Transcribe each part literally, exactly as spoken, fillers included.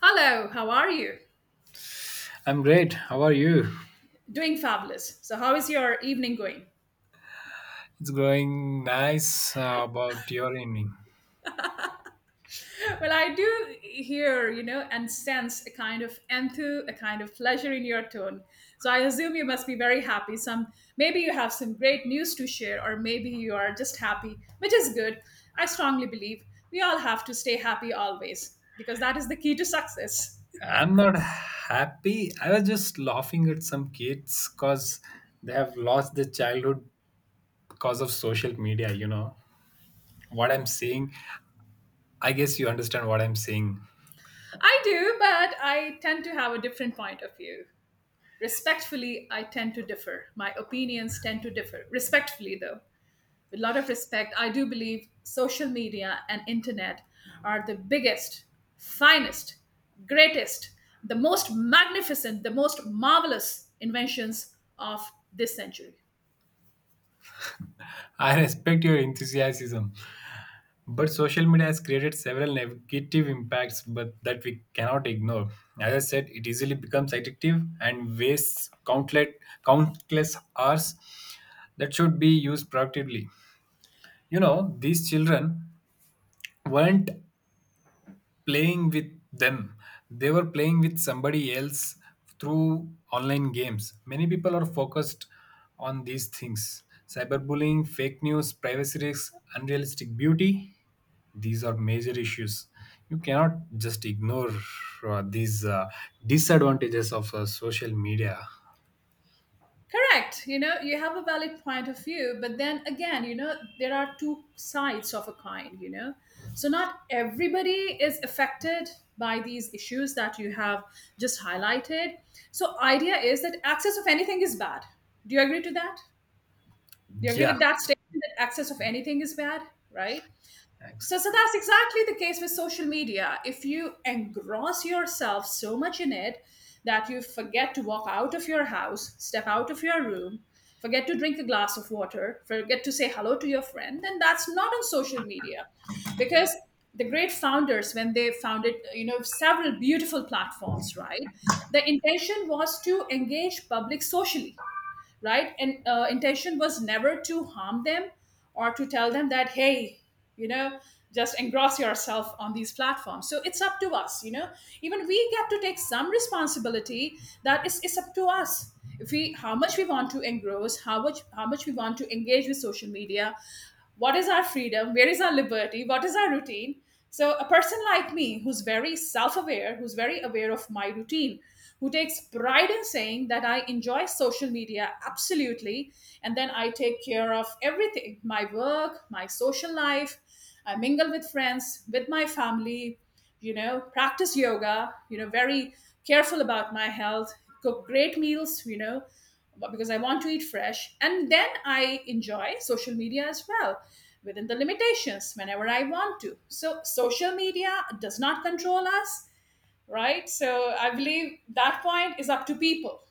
Hello, how are you? I'm great. How are you? Doing fabulous. So, how is your evening going? It's going nice, uh, about your evening. Well, I do hear, you know, and sense a kind of enthu, a kind of pleasure in your tone. So, I assume you must be very happy. Some maybe you have some great news to share, or maybe you are just happy, which is good. I strongly believe we all have to stay happy always because that is the key to success. I'm not happy. I was just laughing at some kids because they have lost their childhood because of social media, you know. What I'm saying, I guess you understand what I'm saying. I do, but I tend to have a different point of view. Respectfully, I tend to differ. My opinions tend to differ. Respectfully, though. With a lot of respect, I do believe social media and internet are the biggest, finest, greatest, the most magnificent, the most marvelous inventions of this century. I respect your enthusiasm, But social media has created several negative impacts, but that we cannot ignore. As I said, it easily becomes addictive and wastes countless countless hours that should be used productively. You know, these children weren't playing with them. They were playing with somebody else through online games. Many people are focused on these things: cyberbullying, fake news, privacy risks, unrealistic beauty. These are major issues. You cannot just ignore uh, these uh, disadvantages of uh, social media. Correct. You know, you have a valid point of view, but then again, you know, there are two sides of a coin, you know. So not everybody is affected by these issues that you have just highlighted. So idea is that access of anything is bad. Do you agree to that? Do you agree Yeah. with that statement that access of anything is bad, right? Thanks. So, so that's exactly the case with social media. If you engross yourself so much in it that you forget to walk out of your house, step out of your room, forget to drink a glass of water, forget to say hello to your friend, then that's not on social media. Because the great founders, when they founded, you know, several beautiful platforms, right? The intention was to engage public socially, right? And uh, intention was never to harm them or to tell them that, hey, you know just engross yourself on these platforms. So it's up to us, you know even we get to take some responsibility. That is, it's up to us, if we, how much we want to engross, how much how much we want to engage with social media. What is our freedom? Where is our liberty? What is our routine? So a person like me, who's very self-aware, who's very aware of my routine, who takes pride in saying that I enjoy social media absolutely, and then I take care of everything, my work, my social life. I mingle with friends, with my family, you know, practice yoga, you know, very careful about my health, cook great meals, you know, because I want to eat fresh. And then I enjoy social media as well within the limitations whenever I want to. So, social media does not control us, right? So I believe that point is up to people.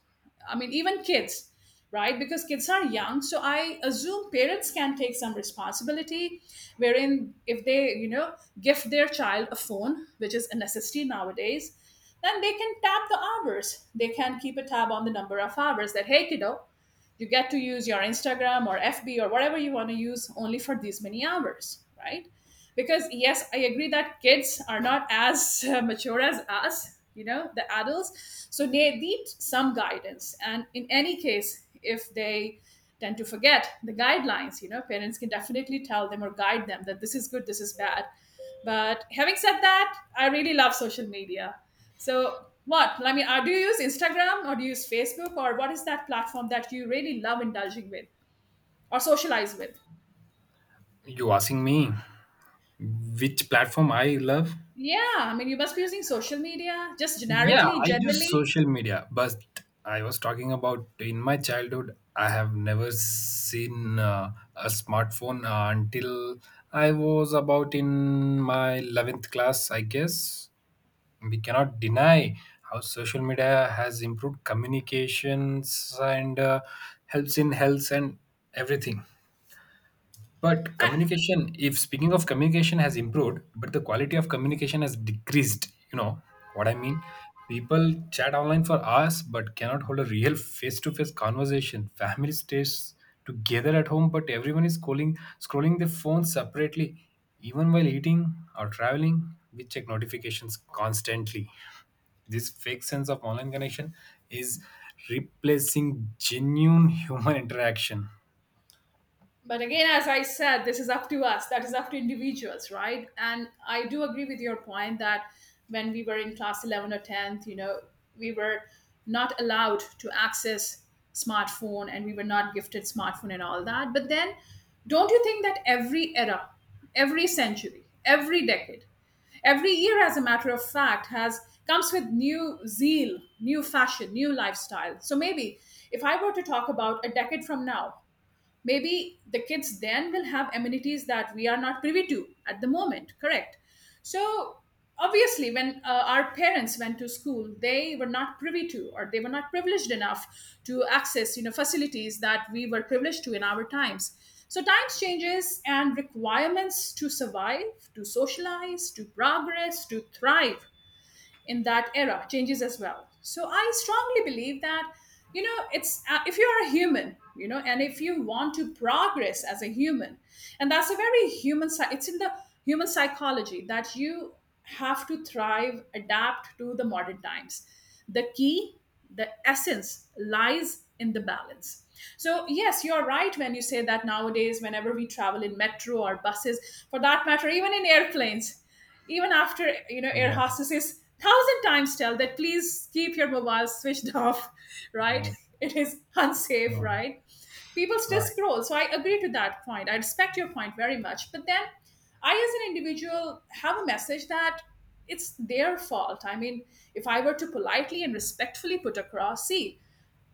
I mean, even kids, right? Because kids are young. So I assume parents can take some responsibility, wherein if they, you know, gift their child a phone, which is a necessity nowadays, then they can tap the hours. They can keep a tab on the number of hours that, hey, kiddo, you get to use your Instagram or F B or whatever you want to use only for these many hours, right? Because yes, I agree that kids are not as uh, mature as us, you know, the adults. So they need some guidance. And in any case, if they tend to forget the guidelines, you know, parents can definitely tell them or guide them that this is good, this is bad. But having said that, I really love social media. So what? I mean, uh, do you use Instagram or do you use Facebook, or what is that platform that you really love indulging with or socialize with? You asking me which platform I love? Yeah, I mean, you must be using social media just Yeah, generically, I use generally. social media, but I was talking about in my childhood, I have never seen uh, a smartphone uh, until I was about in my eleventh class, I guess. We cannot deny how social media has improved communications and uh, helps in health and everything. But I, communication, if speaking of communication, has improved, but the quality of communication has decreased. You know what I mean? People chat online for hours but cannot hold a real face to face conversation. Family stays together at home, but everyone is calling, scrolling their phones separately, even while eating or traveling. We check notifications constantly. This fake sense of online connection is replacing genuine human interaction. but again, as I said, this is up to us, that is up to individuals, right? And I do agree with your point that when we were in class eleven or tenth, you know, we were not allowed to access smartphone, and we were not gifted smartphone and all that. But then don't you think that every era, every century, every decade, every year, as a matter of fact, has comes with new zeal, new fashion, new lifestyle? So maybe if I were to talk about a decade from now, maybe the kids then will have amenities that we are not privy to at the moment, correct? So obviously when uh, our parents went to school, they were not privy to, or they were not privileged enough to access, you know, facilities that we were privileged to in our times. So times changes, and requirements to survive, to socialize, to progress, to thrive in that era changes as well. So I strongly believe that, you know, it's uh, if you're a human, you know, and if you want to progress as a human, and that's a very human side, it's in the human psychology that you have to thrive, adapt to the modern times. The key, the essence lies in the balance. So yes, you're right when you say that nowadays whenever we travel in metro or buses, for that matter even in airplanes, even after, you know, air Yeah. hostesses thousand times tell that, please keep your mobiles switched off, right? Yeah. It is unsafe, Yeah. right? People still Right. scroll. So I agree to that point. I respect your point very much, but then I as an individual have a message that it's their fault. I mean, if I were to politely and respectfully put across, see,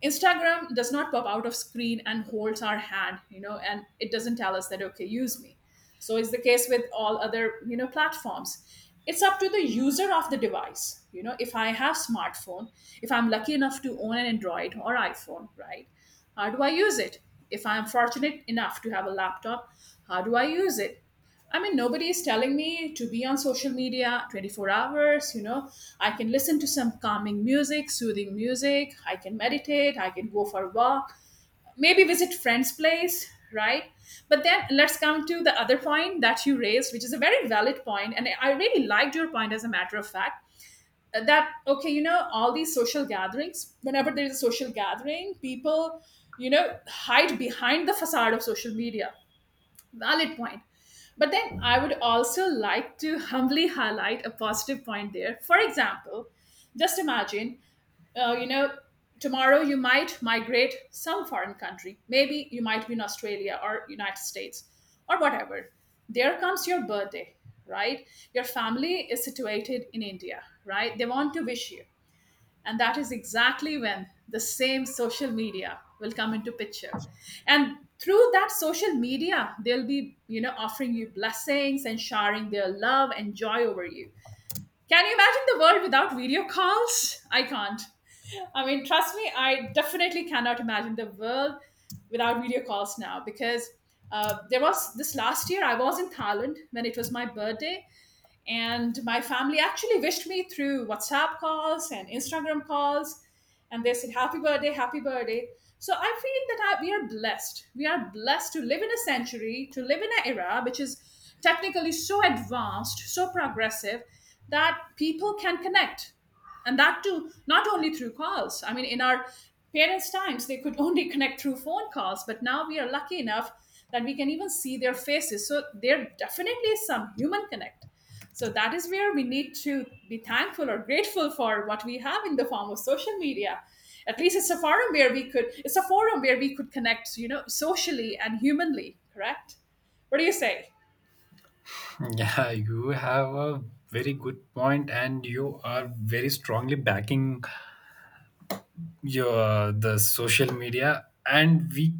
Instagram does not pop out of screen and holds our hand, you know, and it doesn't tell us that, okay, use me. So is the case with all other, you know, platforms. It's up to the user of the device. You know, if I have smartphone, if I'm lucky enough to own an Android or iPhone, right? How do I use it? If I'm fortunate enough to have a laptop, how do I use it? I mean, nobody is telling me to be on social media twenty four hours. You know, I can listen to some calming music, soothing music. I can meditate. I can go for a walk. Maybe visit friend's place, right? But then let's come to the other point that you raised, which is a very valid point, and I really liked your point. As a matter of fact, that okay, you know, all these social gatherings. Whenever there is a social gathering, people, you know, hide behind the facade of social media. Valid point. But then I would also like to humbly highlight a positive point there. For example, just imagine, uh, you know, tomorrow you might migrate some foreign country. Maybe you might be in Australia or United States or whatever. There comes your birthday, right? Your family is situated in India, right? They want to wish you, and that is exactly when the same social media will come into picture, and through that social media they'll be, you know, offering you blessings and showering their love and joy over you. Can you imagine the world without video calls? I can't. I mean, trust me, I definitely cannot imagine the world without video calls now, because uh, there was this last year, I was in Thailand when it was my birthday, and my family actually wished me through WhatsApp calls and Instagram calls. And they said, happy birthday, happy birthday. So I feel that I, we are blessed. We are blessed to live in a century, to live in an era which is technically so advanced, so progressive, that people can connect. And that too, not only through calls. I mean, in our parents' times, they could only connect through phone calls, but now we are lucky enough that we can even see their faces. So there definitely is some human connect. So that is where we need to be thankful or grateful for what we have in the form of social media. At least it's a forum where we could it's a forum where we could connect, you know, socially and humanly, correct? What do you say? Yeah, you have a very good point, and you are very strongly backing your the social media, and we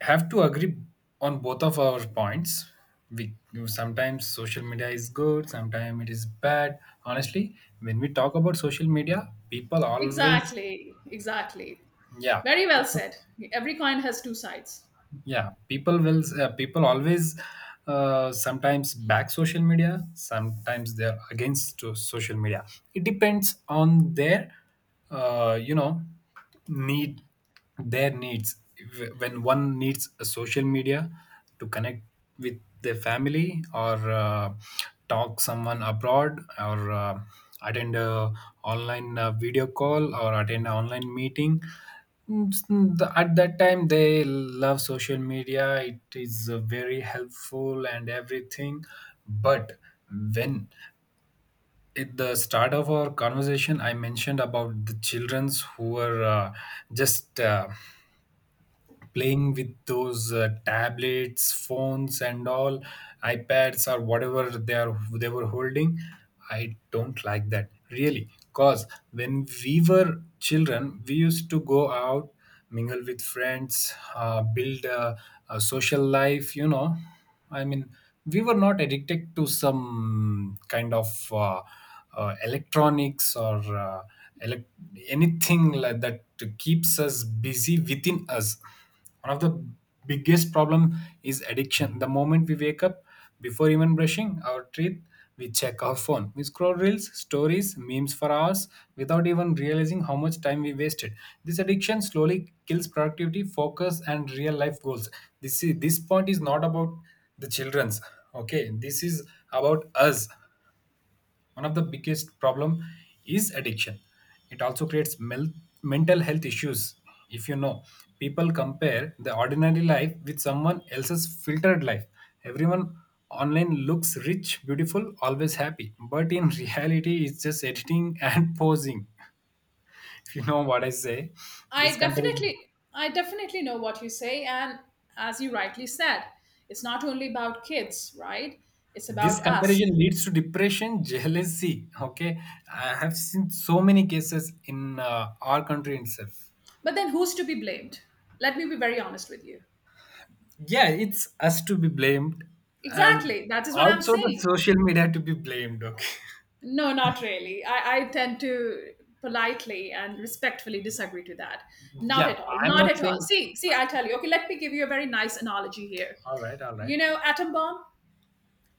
have to agree on both of our points. We Sometimes social media is good, sometimes it is bad. Honestly, when we talk about social media, people always, Exactly, exactly. yeah, Very well people said. Every coin has two sides. yeah, people will uh, people always uh, sometimes back social media, sometimes they're against to social media. It depends on their uh, you know need, their needs. If- when one needs a social media to connect with their family, or uh, talk someone abroad, or uh, attend a online uh, video call or attend an online meeting. Mm, s- mm, the- At that time, they love social media. It is uh, very helpful and everything. But when at the start of our conversation, I mentioned about the childrens who were uh, just uh, playing with those uh, tablets phones and all, ipads or whatever they are they were holding. I don't like that really, cause when we were children we used to go out, mingle with friends, uh, build a, a social life, you know I mean we were not addicted to some kind of uh, uh, electronics or uh, elec anything like that to keeps us busy within us. One of the biggest problem is addiction. The moment we wake up, before even brushing our teeth, we check our phone, we scroll reels, stories, memes for hours without even realizing how much time we wasted. This addiction slowly kills productivity, focus, and real life goals. This is, this point is not about the children's, okay. This is about us. One of the biggest problem is addiction. It also creates mel- mental health issues. If you know, people compare the ordinary life with someone else's filtered life. Everyone online looks rich, beautiful, always happy, but in reality, it's just editing and posing, if you know what I say. this I comparison definitely, I definitely know what you say, and as you rightly said, it's not only about kids, right? It's this about us. comparison leads to depression, jealousy, okay. I have seen so many cases in uh, our country itself. But then, who's to be blamed? Let me be very honest with you. Yeah, it's us to be blamed. And Exactly. That is what I'm also the saying. social media to be blamed, okay. No, not really. I, I tend to politely and respectfully disagree to that. Not Yeah, at all. I'm Not not at all. saying. See, see, I'll tell you. Okay, let me give you a very nice analogy here. All right, all right. You know, atom bomb?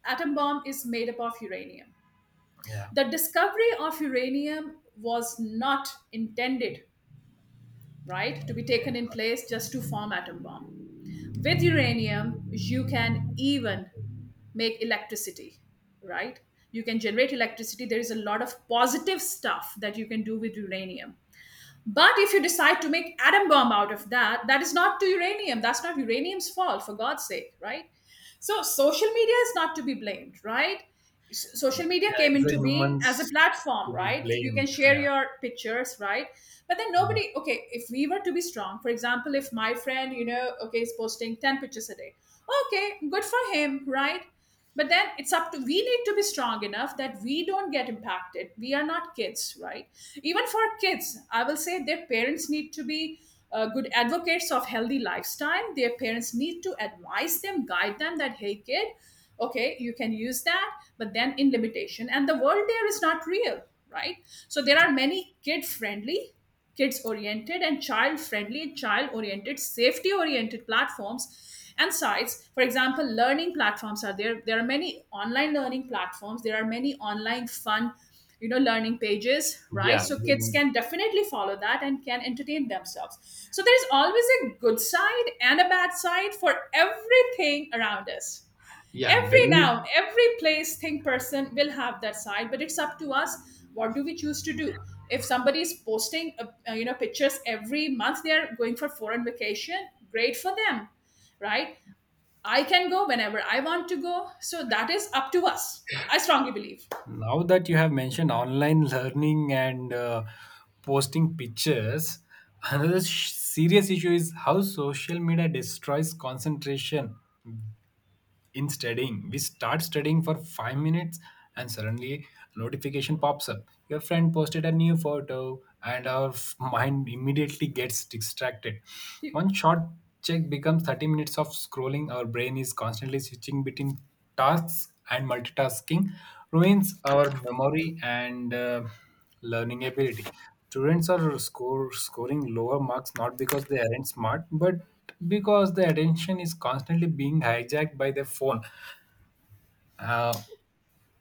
Atom bomb is made up of uranium. Yeah. The discovery of uranium was not intended, right, to be taken in place just to form atom bomb. With uranium, you can even make electricity, right? You can generate electricity. There is a lot of positive stuff that you can do with uranium. But if you decide to make atom bomb out of that, that is not to uranium. That's not uranium's fault, for God's sake, right? So social media is not to be blamed, right? S- Social media Yeah, came it's the into being humans as a to platform, be right? You can blamed. share Yeah. your pictures, right? But then Yeah. nobody, okay, if we were to be strong, for example, if my friend, you know, okay, is posting ten pictures a day, okay, good for him, right? But then it's up to, we need to be strong enough that we don't get impacted. We are not kids, right? Even for kids, I will say their parents need to be uh, good advocates of healthy lifestyle. Their parents need to advise them, guide them that hey kid, okay, you can use that, but then in limitation, and the world there is not real, right? So there are many kid friendly, kids oriented and child friendly, child oriented, safety oriented platforms and sites. For example, learning platforms are there. There are many online learning platforms, there are many online fun, you know, learning pages, right? Yeah, So kids when can definitely follow that and can entertain themselves. So there's always a good side and a bad side for everything around us. yeah Every when you noun, every place, thing, person will have that side, but it's up to us, what do we choose to do. If somebody is posting uh, uh, you know, pictures every month they are going for foreign vacation, great for them, right? I can go whenever I want to go. So that is up to us, I strongly believe. Now that you have mentioned online learning and uh, posting pictures, another sh- serious issue is how social media destroys concentration in studying. We start studying for five minutes and suddenly notification pops up. Your friend posted a new photo and our f- mind immediately gets distracted. You- One short check becomes thirty minutes of scrolling. Our brain is constantly switching between tasks and multitasking ruins our memory and uh, learning ability. Students are score, scoring lower marks not because they aren't smart, but because their attention is constantly being hijacked by their phone. Uh,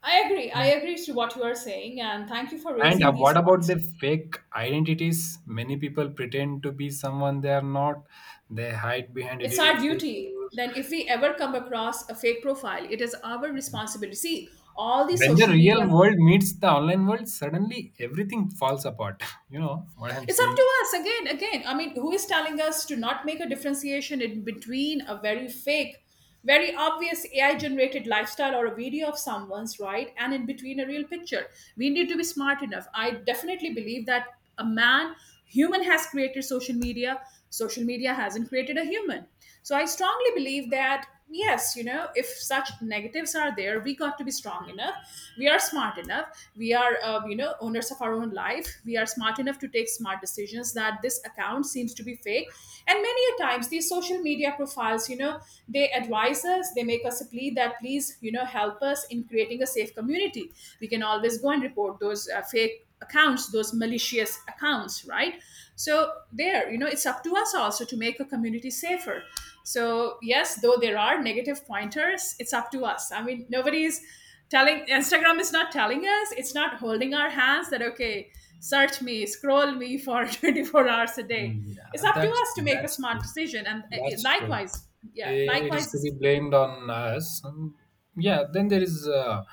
I agree, I and, agree to what you are saying and thank you for and raising uh, these What about points. the fake identities? Many people pretend to be someone they are not. They hide behind It's our edited duty, photos. then if we ever come across a fake profile it is our responsibility. See, all these When the social media. real world meets the online world, suddenly everything falls apart. You know what I'm It's up saying? to us again, again. I mean, who is telling us to not make a differentiation in between a very fake, very obvious A I generated lifestyle or a video of someone's, right? And in between a real picture. We need to be smart enough. I definitely believe that a man, human has created social media, social media hasn't created a human. So I strongly believe that yes, you know, if such negatives are there we got to be strong enough, we are smart enough, we are uh, you know, owners of our own life. We are smart enough to take smart decisions that this account seems to be fake. And many a times these social media profiles, you know, they advise us, they make us a plea that please, you know, help us in creating a safe community. We can always go and report those uh, fake accounts, those malicious accounts, right? So there, you know, it's up to us also to make a community safer. So, yes, though there are negative pointers, it's up to us. I mean, nobody's telling, Instagram is not telling us, it's not holding our hands that, okay, search me, scroll me for twenty-four hours a day. Mm, It's yeah, up to that's us to make a that's smart true. decision. And uh, it- That's true. likewise, yeah, I- It is likewise, to be is- blamed on us. Mm, yeah. Then there is, uh,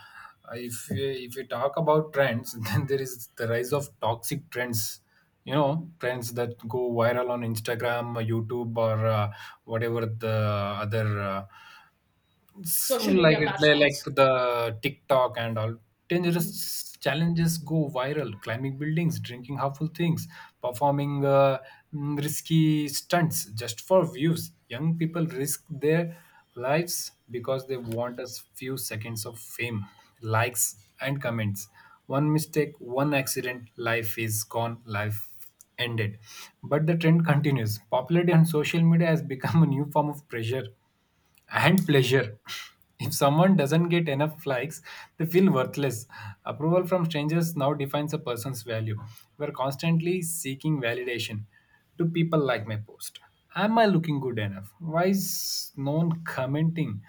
if we, if we talk about trends, then there is the rise of toxic trends. You know, hmm, trends that go viral on Instagram, YouTube, or uh, whatever the other, uh, it's social like media it like platforms. the TikTok and all. Mhm. Dangerous challenges go viral. Climbing buildings, drinking harmful things, performing uh, mm, risky stunts just for views. Young people risk their lives because they want a few seconds of fame, likes, and comments. One mistake, one accident, life is gone. Life ended. But the trend continues. Popularity on social media has become a new form of pressure and pleasure. If someone doesn't get enough likes, they feel worthless. Approval from strangers now defines a person's value. We're constantly seeking validation. Do people like my post? Am I looking good enough? Why is no one commenting?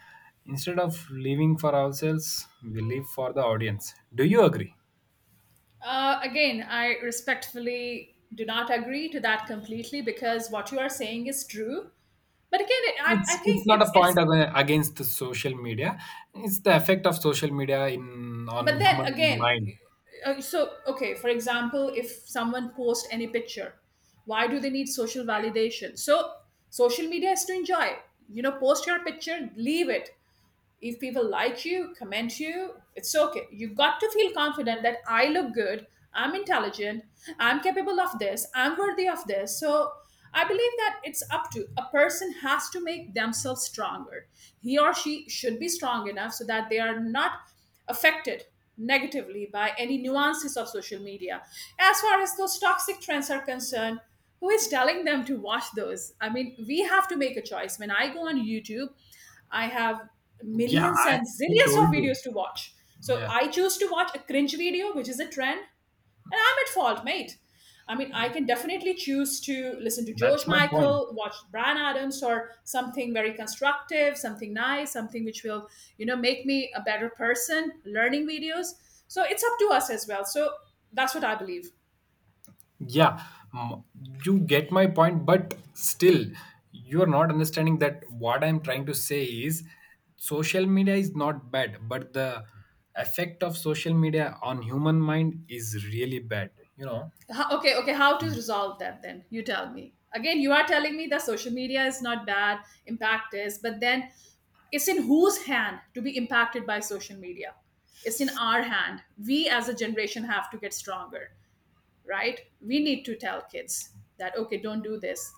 Instead of living for ourselves, we live for the audience. Do you agree? Uh, again, I respectfully do not agree to that completely because what you are saying is true. But again, it, I, I It's, think it's not it's a it's point ag- against the social media. It's the effect of social media in on but then human again, mind. uh, so okay, for example, if someone posts any picture, why do they need social validation? So social media is to enjoy, you know, post your picture, leave it. If people like you, comment you, it's okay. You've got to feel confident that I look good, I'm intelligent, I'm capable of this, I'm worthy of this. So I believe that it's up to a person, has to make themselves stronger. He or she should be strong enough so that they are not affected negatively by any nuances of social media. As far as those toxic trends are concerned, who is telling them to watch those? I mean, we have to make a choice. When I go on YouTube, I have Yeah, millions I, and I zillions told of you. videos to watch. So Yeah, I choose to watch a cringe video, which is a trend, and I'm at fault, mate. I mean, I can definitely choose to listen to George that's my point. Michael, watch Brian Adams, or something very constructive, something nice, something which will, you know, make me a better person, learning videos. So it's up to us as well. So that's what I believe. Yeah, mm, you get my point, but still, you're not understanding that what I'm trying to say is social media is not bad, but the effect of social media on human mind is really bad, you know? Ho- Okay, okay, how to resolve that then? You tell me. Again, you are telling me that social media is not bad, impact is, but then it's in whose hand to be impacted by social media? It's in our hand. We as a generation have to get stronger. Right? We need to tell kids that, okay, don't do this.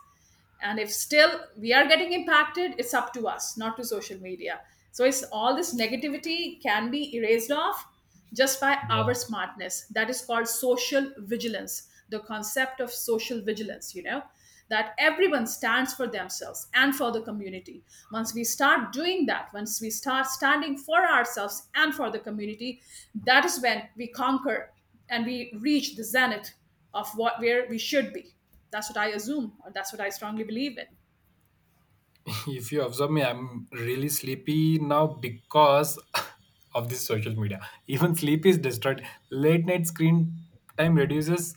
And if still we are getting impacted, it's up to us, not to social media. So it's all, this negativity can be erased off just by Yeah. our smartness. That is called social vigilance, the concept of social vigilance, you know, that everyone stands for themselves and for the community. Once we start doing that, once we start standing for ourselves and for the community, that is when we conquer and we reach the zenith of what, where we should be. That's what I assume, or that's what I strongly believe in. If you observe me, I'm really sleepy now because of this social media. Even sleep is disturbed. Late night screen time reduces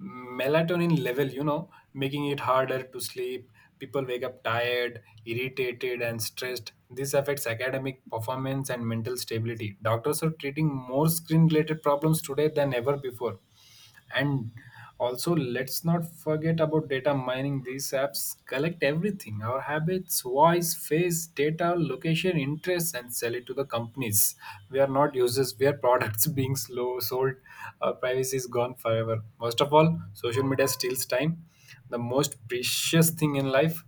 melatonin level, you know, making it harder to sleep. People wake up tired, irritated, and stressed. This affects academic performance and mental stability. Doctors are treating more screen related problems today than ever before. And also let's not forget about data mining. These apps collect everything: our habits, voice, face data, location, interests, and sell it to the companies. We are not users, we are products, being slow sold. Our privacy is gone forever. Most of all, social media steals time, the most precious thing in life.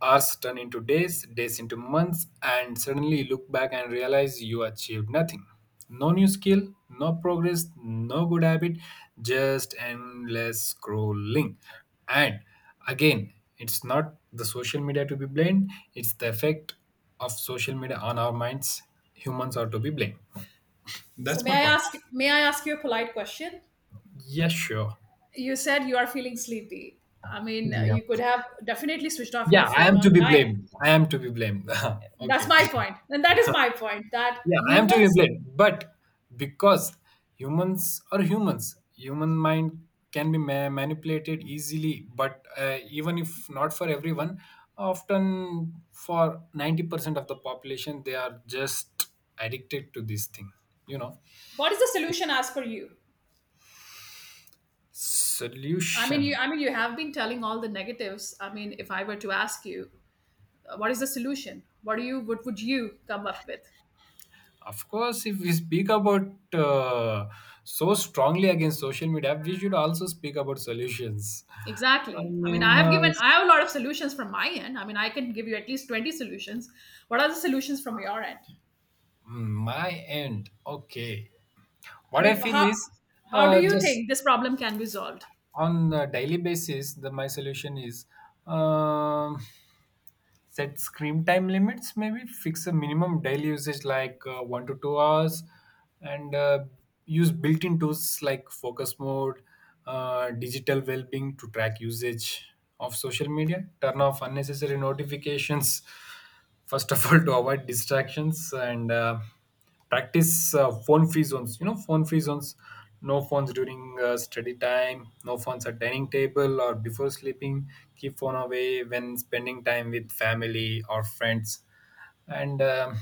Hours turn into days, days into months, and suddenly you look back and realize you achieved nothing. No new skill, no progress, no good habit, just endless scrolling. And again, it's not the social media to be blamed, it's the effect of social media on our minds. Humans are to be blamed. So That's may my I point. ask may I ask you a polite question? Yes, sure. You said you are feeling sleepy. I mean, uh, Yeah. you could have definitely switched off your Yeah, I phone am to on be time. blamed. I am to be blamed. That's Okay. my point. And that is my point that Yeah, I am to humans, be blamed, but because humans are humans, human mind can be ma- manipulated easily. But uh, even if not for everyone, often for ninety percent of the population, they are just addicted to this thing. You know, what is the solution as per you? I mean, you, solution. I mean you have been telling all the negatives. I mean, if I were to ask you, uh, what is the solution? What do you, what would you come up with? Of course, if we speak about uh, so strongly against social media, we should also speak about solutions. I Exactly. I mean, I mean, have uh, given, I have a lot of solutions from my end. I mean, I can give you at least twenty solutions. What are the solutions from your end? mm, my end. Okay. I What I mean, feel how, is how do uh, you just think this problem can be solved? on a daily basis, the my solution is um set screen time limits, maybe fix a minimum daily usage like uh, one to two hours, and uh, use built in tools like focus mode, uh, digital well being to track usage of social media, turn off unnecessary notifications, first of all, to avoid distractions, and uh, practice uh, phone free zones, you know phone free zones. No phones during uh, study time, no phones at dining table or before sleeping. Keep phone away when spending time with family or friends. And um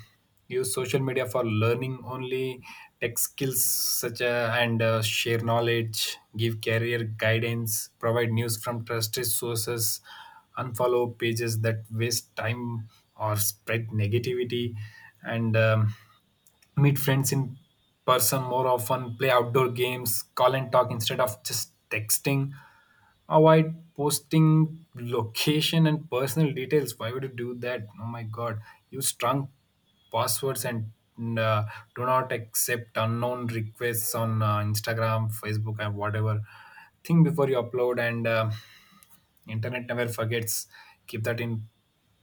use social media for learning only, tech skills such a, and uh, share knowledge, give career guidance, provide news from trusted sources, unfollow pages that waste time or spread negativity. And um, meet friends in person more often, play outdoor games, call and talk instead of just texting, avoid posting location and personal details. Why would you do that? Oh my god, use strong passwords and uh, do not accept unknown requests on uh, Instagram, Facebook, and whatever. Think before you upload and uh, internet never forgets, keep that in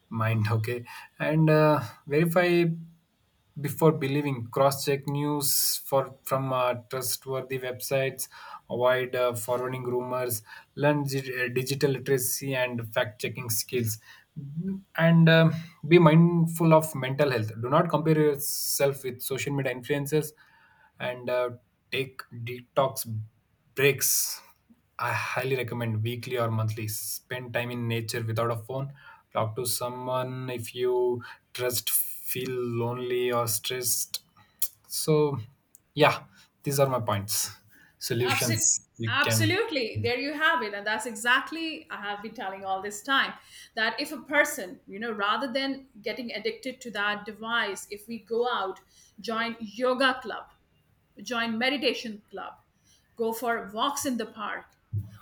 mind. Okay. And uh, verify before believing, cross check news for from uh, trustworthy websites, avoid uh, forwarding rumors. Learn gi- uh, digital literacy and fact checking skills. And um be mindful of mental health, do not compare yourself with social media influencers. And uh, take detox breaks, I highly recommend weekly or monthly. Spend time in nature without a phone. Talk to someone if you trust, feel lonely or stressed. So, yeah, these are my points. Absolutely. Solutions you can, Absolutely. There you have it. And that's exactly, I have been telling all this time that if a person, you know, rather than getting addicted to that device, if we go out, join yoga club, join meditation club, go for walks in the park,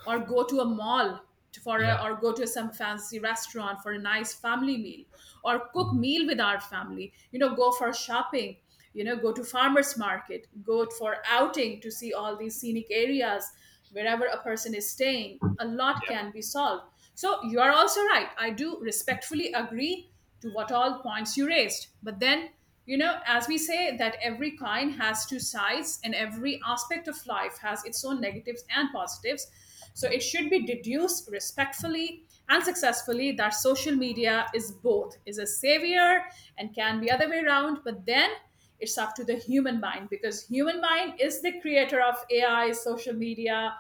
or go to a mall to- for a, yeah, or go to some fancy restaurant for a nice family meal, or cook meal with our family. You know, go for shopping. You know, go to farmers market, go for outing to see all these scenic areas wherever a person is staying. A lot yeah, can be solved. So you are also right. I do respectfully agree to what all points you raised. But then, you know, as we say, that every coin has two sides and every aspect of life has its own negatives and positives. So it should be deduced respectfully and successfully that social media is both, is a savior and can be other way around, but then it's up to the human mind because human mind is the creator of A I, social media,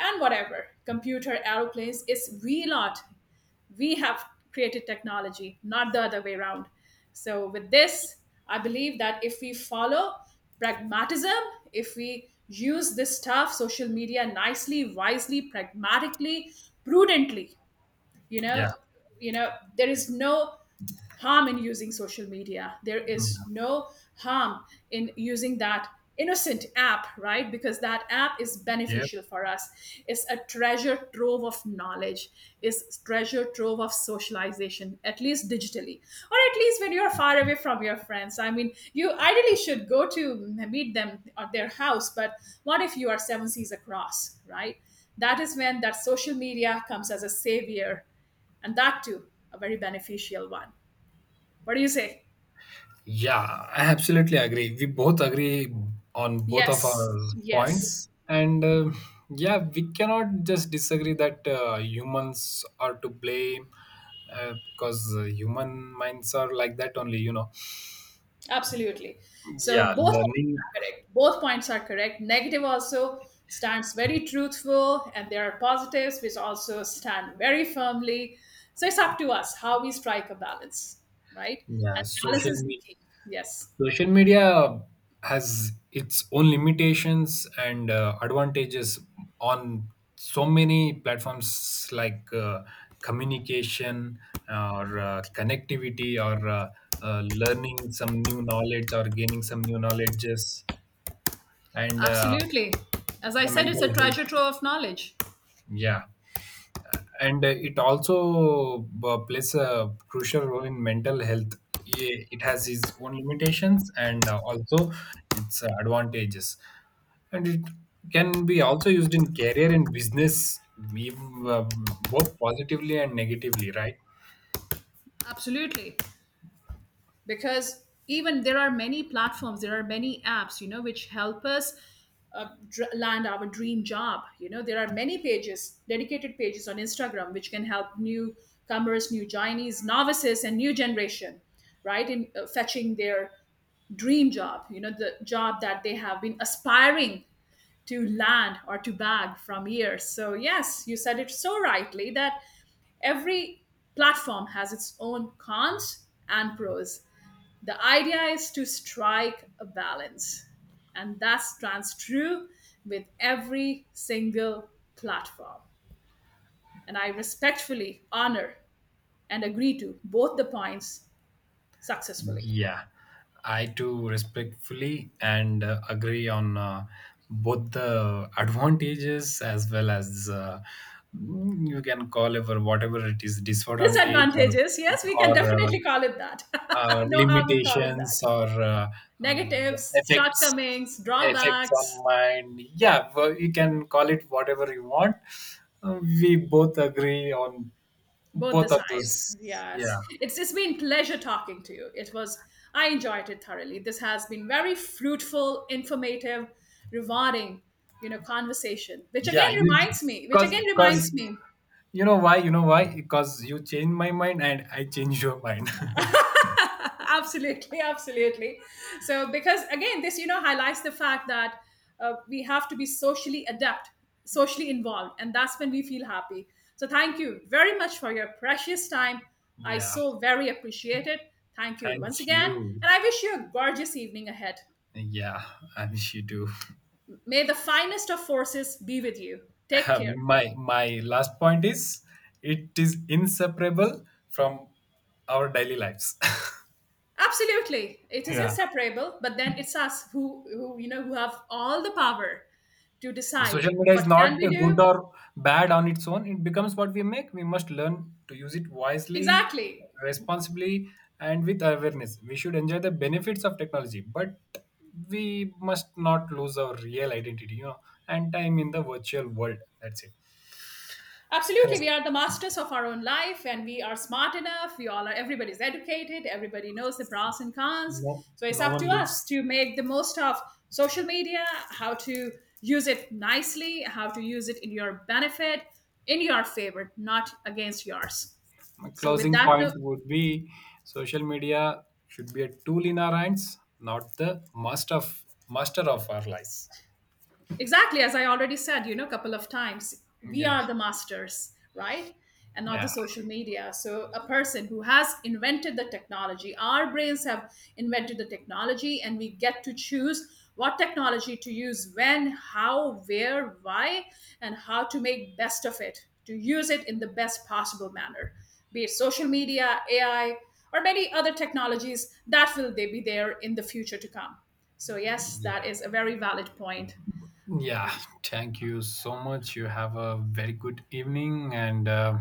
and whatever, computer, aeroplanes. It's we lot, we have created technology, not the other way around. So, with this, I believe that if we follow pragmatism, if we use this stuff, social media, nicely, wisely, pragmatically, prudently, you yeah, know, you know, there is no harm in using social media, there is mm, no harm in using that innocent app, right? Because that app is yeah. beneficial for us. It's a treasure trove of knowledge, it's treasure trove of socialization, at least digitally, or at least when you're far away from your friends. I mean, you ideally should go to meet them at their house, but what if you are seven seas across, right? That is when that social media comes as a savior, and that too a very beneficial one. What do you say? Yeah, I absolutely agree. We both agree on both of Yes, our yes, points. And uh, yeah, we cannot just disagree that uh, humans are to blame, uh, because uh, human minds are like that only, you know. absolutely. So Yeah, both points learning, are correct, both points are correct. Negative also stands very truthful, and there are positives which also stand very firmly. So it's up to us how we strike a balance, right? yeah, And balance social is the media. key. Yes, Social media has its own limitations and uh, advantages on so many platforms like uh, communication, or uh, connectivity, or uh, uh, learning some new knowledge or gaining some new knowledges, and uh, absolutely. As I the said, it's mental a health. treasure trove of knowledge. Yeah. And uh, it also uh, plays a crucial role in mental health. Ye- It has its own limitations and uh, also its uh, advantages, and it can be also used in career and business, we- uh, both positively and negatively, right? Absolutely, because even there are many platforms, there are many apps, you know, which help us uh, dr- land our dream job. You know, there are many pages, dedicated pages on Instagram which can help newcomers, new joinees, novices and new generation, right, in uh, fetching their dream job, you know, the job that they have been aspiring to land or to bag from years. So yes, you said it so rightly that every platform has its own cons and pros. The idea is to strike a balance, and that stands true with every single platform. And I respectfully honor and agree to both the points successfully. Yeah, I too respectfully and uh, agree on uh, both the advantages as well as uh, mm, you can call it or whatever it is, disadvantage, or, Disadvantages, yes, we can or uh, definitely call it that. Uh, no harm in calling limitations, that. or uh, um, Negatives, effects shortcomings, effects drawbacks, on mind. Yeah, well, you can call it whatever you want. Uh, we both agree on both the both of sides. those. Yes. Yeah. It's it's been pleasure talking to you. It was, I enjoyed it thoroughly. This has been very fruitful, informative, rewarding, you know, conversation. Which Yeah, again you, reminds me, which because again reminds because me you know why, you know why. Because you change my mind and I change your mind. Absolutely, absolutely. So because again this, you know, highlights the fact that uh, we have to be socially adept, socially involved, and that's when we feel happy. So thank you very much for your precious time. I Yeah, so very appreciate it. Thank you thank once again. you. And I wish you a gorgeous evening ahead. Yeah, I wish you do. May the finest of forces be with you. Take Uh, care. my my last point is it is inseparable from our daily lives. Absolutely, it is Yeah. inseparable, but then it's us who, who you know, who have all the power to decide Social media is what not can we uh, do. good or bad on its own. It becomes what we make. We must learn to use it wisely, Exactly. responsibly, and with awareness. We should enjoy the benefits of technology, but we must not lose our real identity, you know, and time in the virtual world. That's it. Absolutely. Res- We are the masters of our own life and we are smart enough. We all are, everybody's educated. Everybody knows the pros and cons. No, So it's no up one to us lives. to make the most of social media, how to use it nicely, how to use it in your benefit, in your favor, not against yours. My So, with closing that note, point would be social media should be a tool in our hands, not the master of master of our lives. exactly as I already said, you know, a couple of times, we Yeah. are the masters, right? And not the Yeah. social media. So a person who has invented the technology, our brains have invented the technology, and we get to choose what technology to use, when, how, where, why, and how to make best of it, to use it in the best possible manner, be it social media, AI, or many other technologies that will they be there in the future to come. So yes, that Yeah. is a very valid point. Yeah. Thank you so much. You have a very good evening, and uh,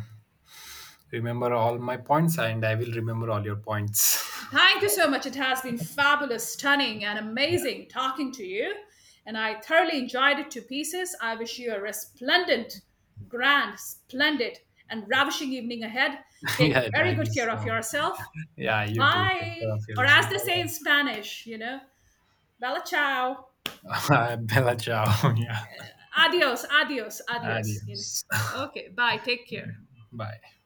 remember all my points, and I will remember all your points. Thank you so much. It has been fabulous, stunning, and Yeah. amazing talking to you. And I thoroughly enjoyed it to pieces. I wish you a resplendent, grand, splendid, and ravishing evening ahead. Yeah. Take very Thank you good care of so. yourself. Yeah. You too. Take care Bye. of Or yourself. as they say in Bella, Spanish, you know, bella ciao. Bella ciao. Yeah. Adios, adios, adios. You Adios. know. Okay, bye. Take care. Bye.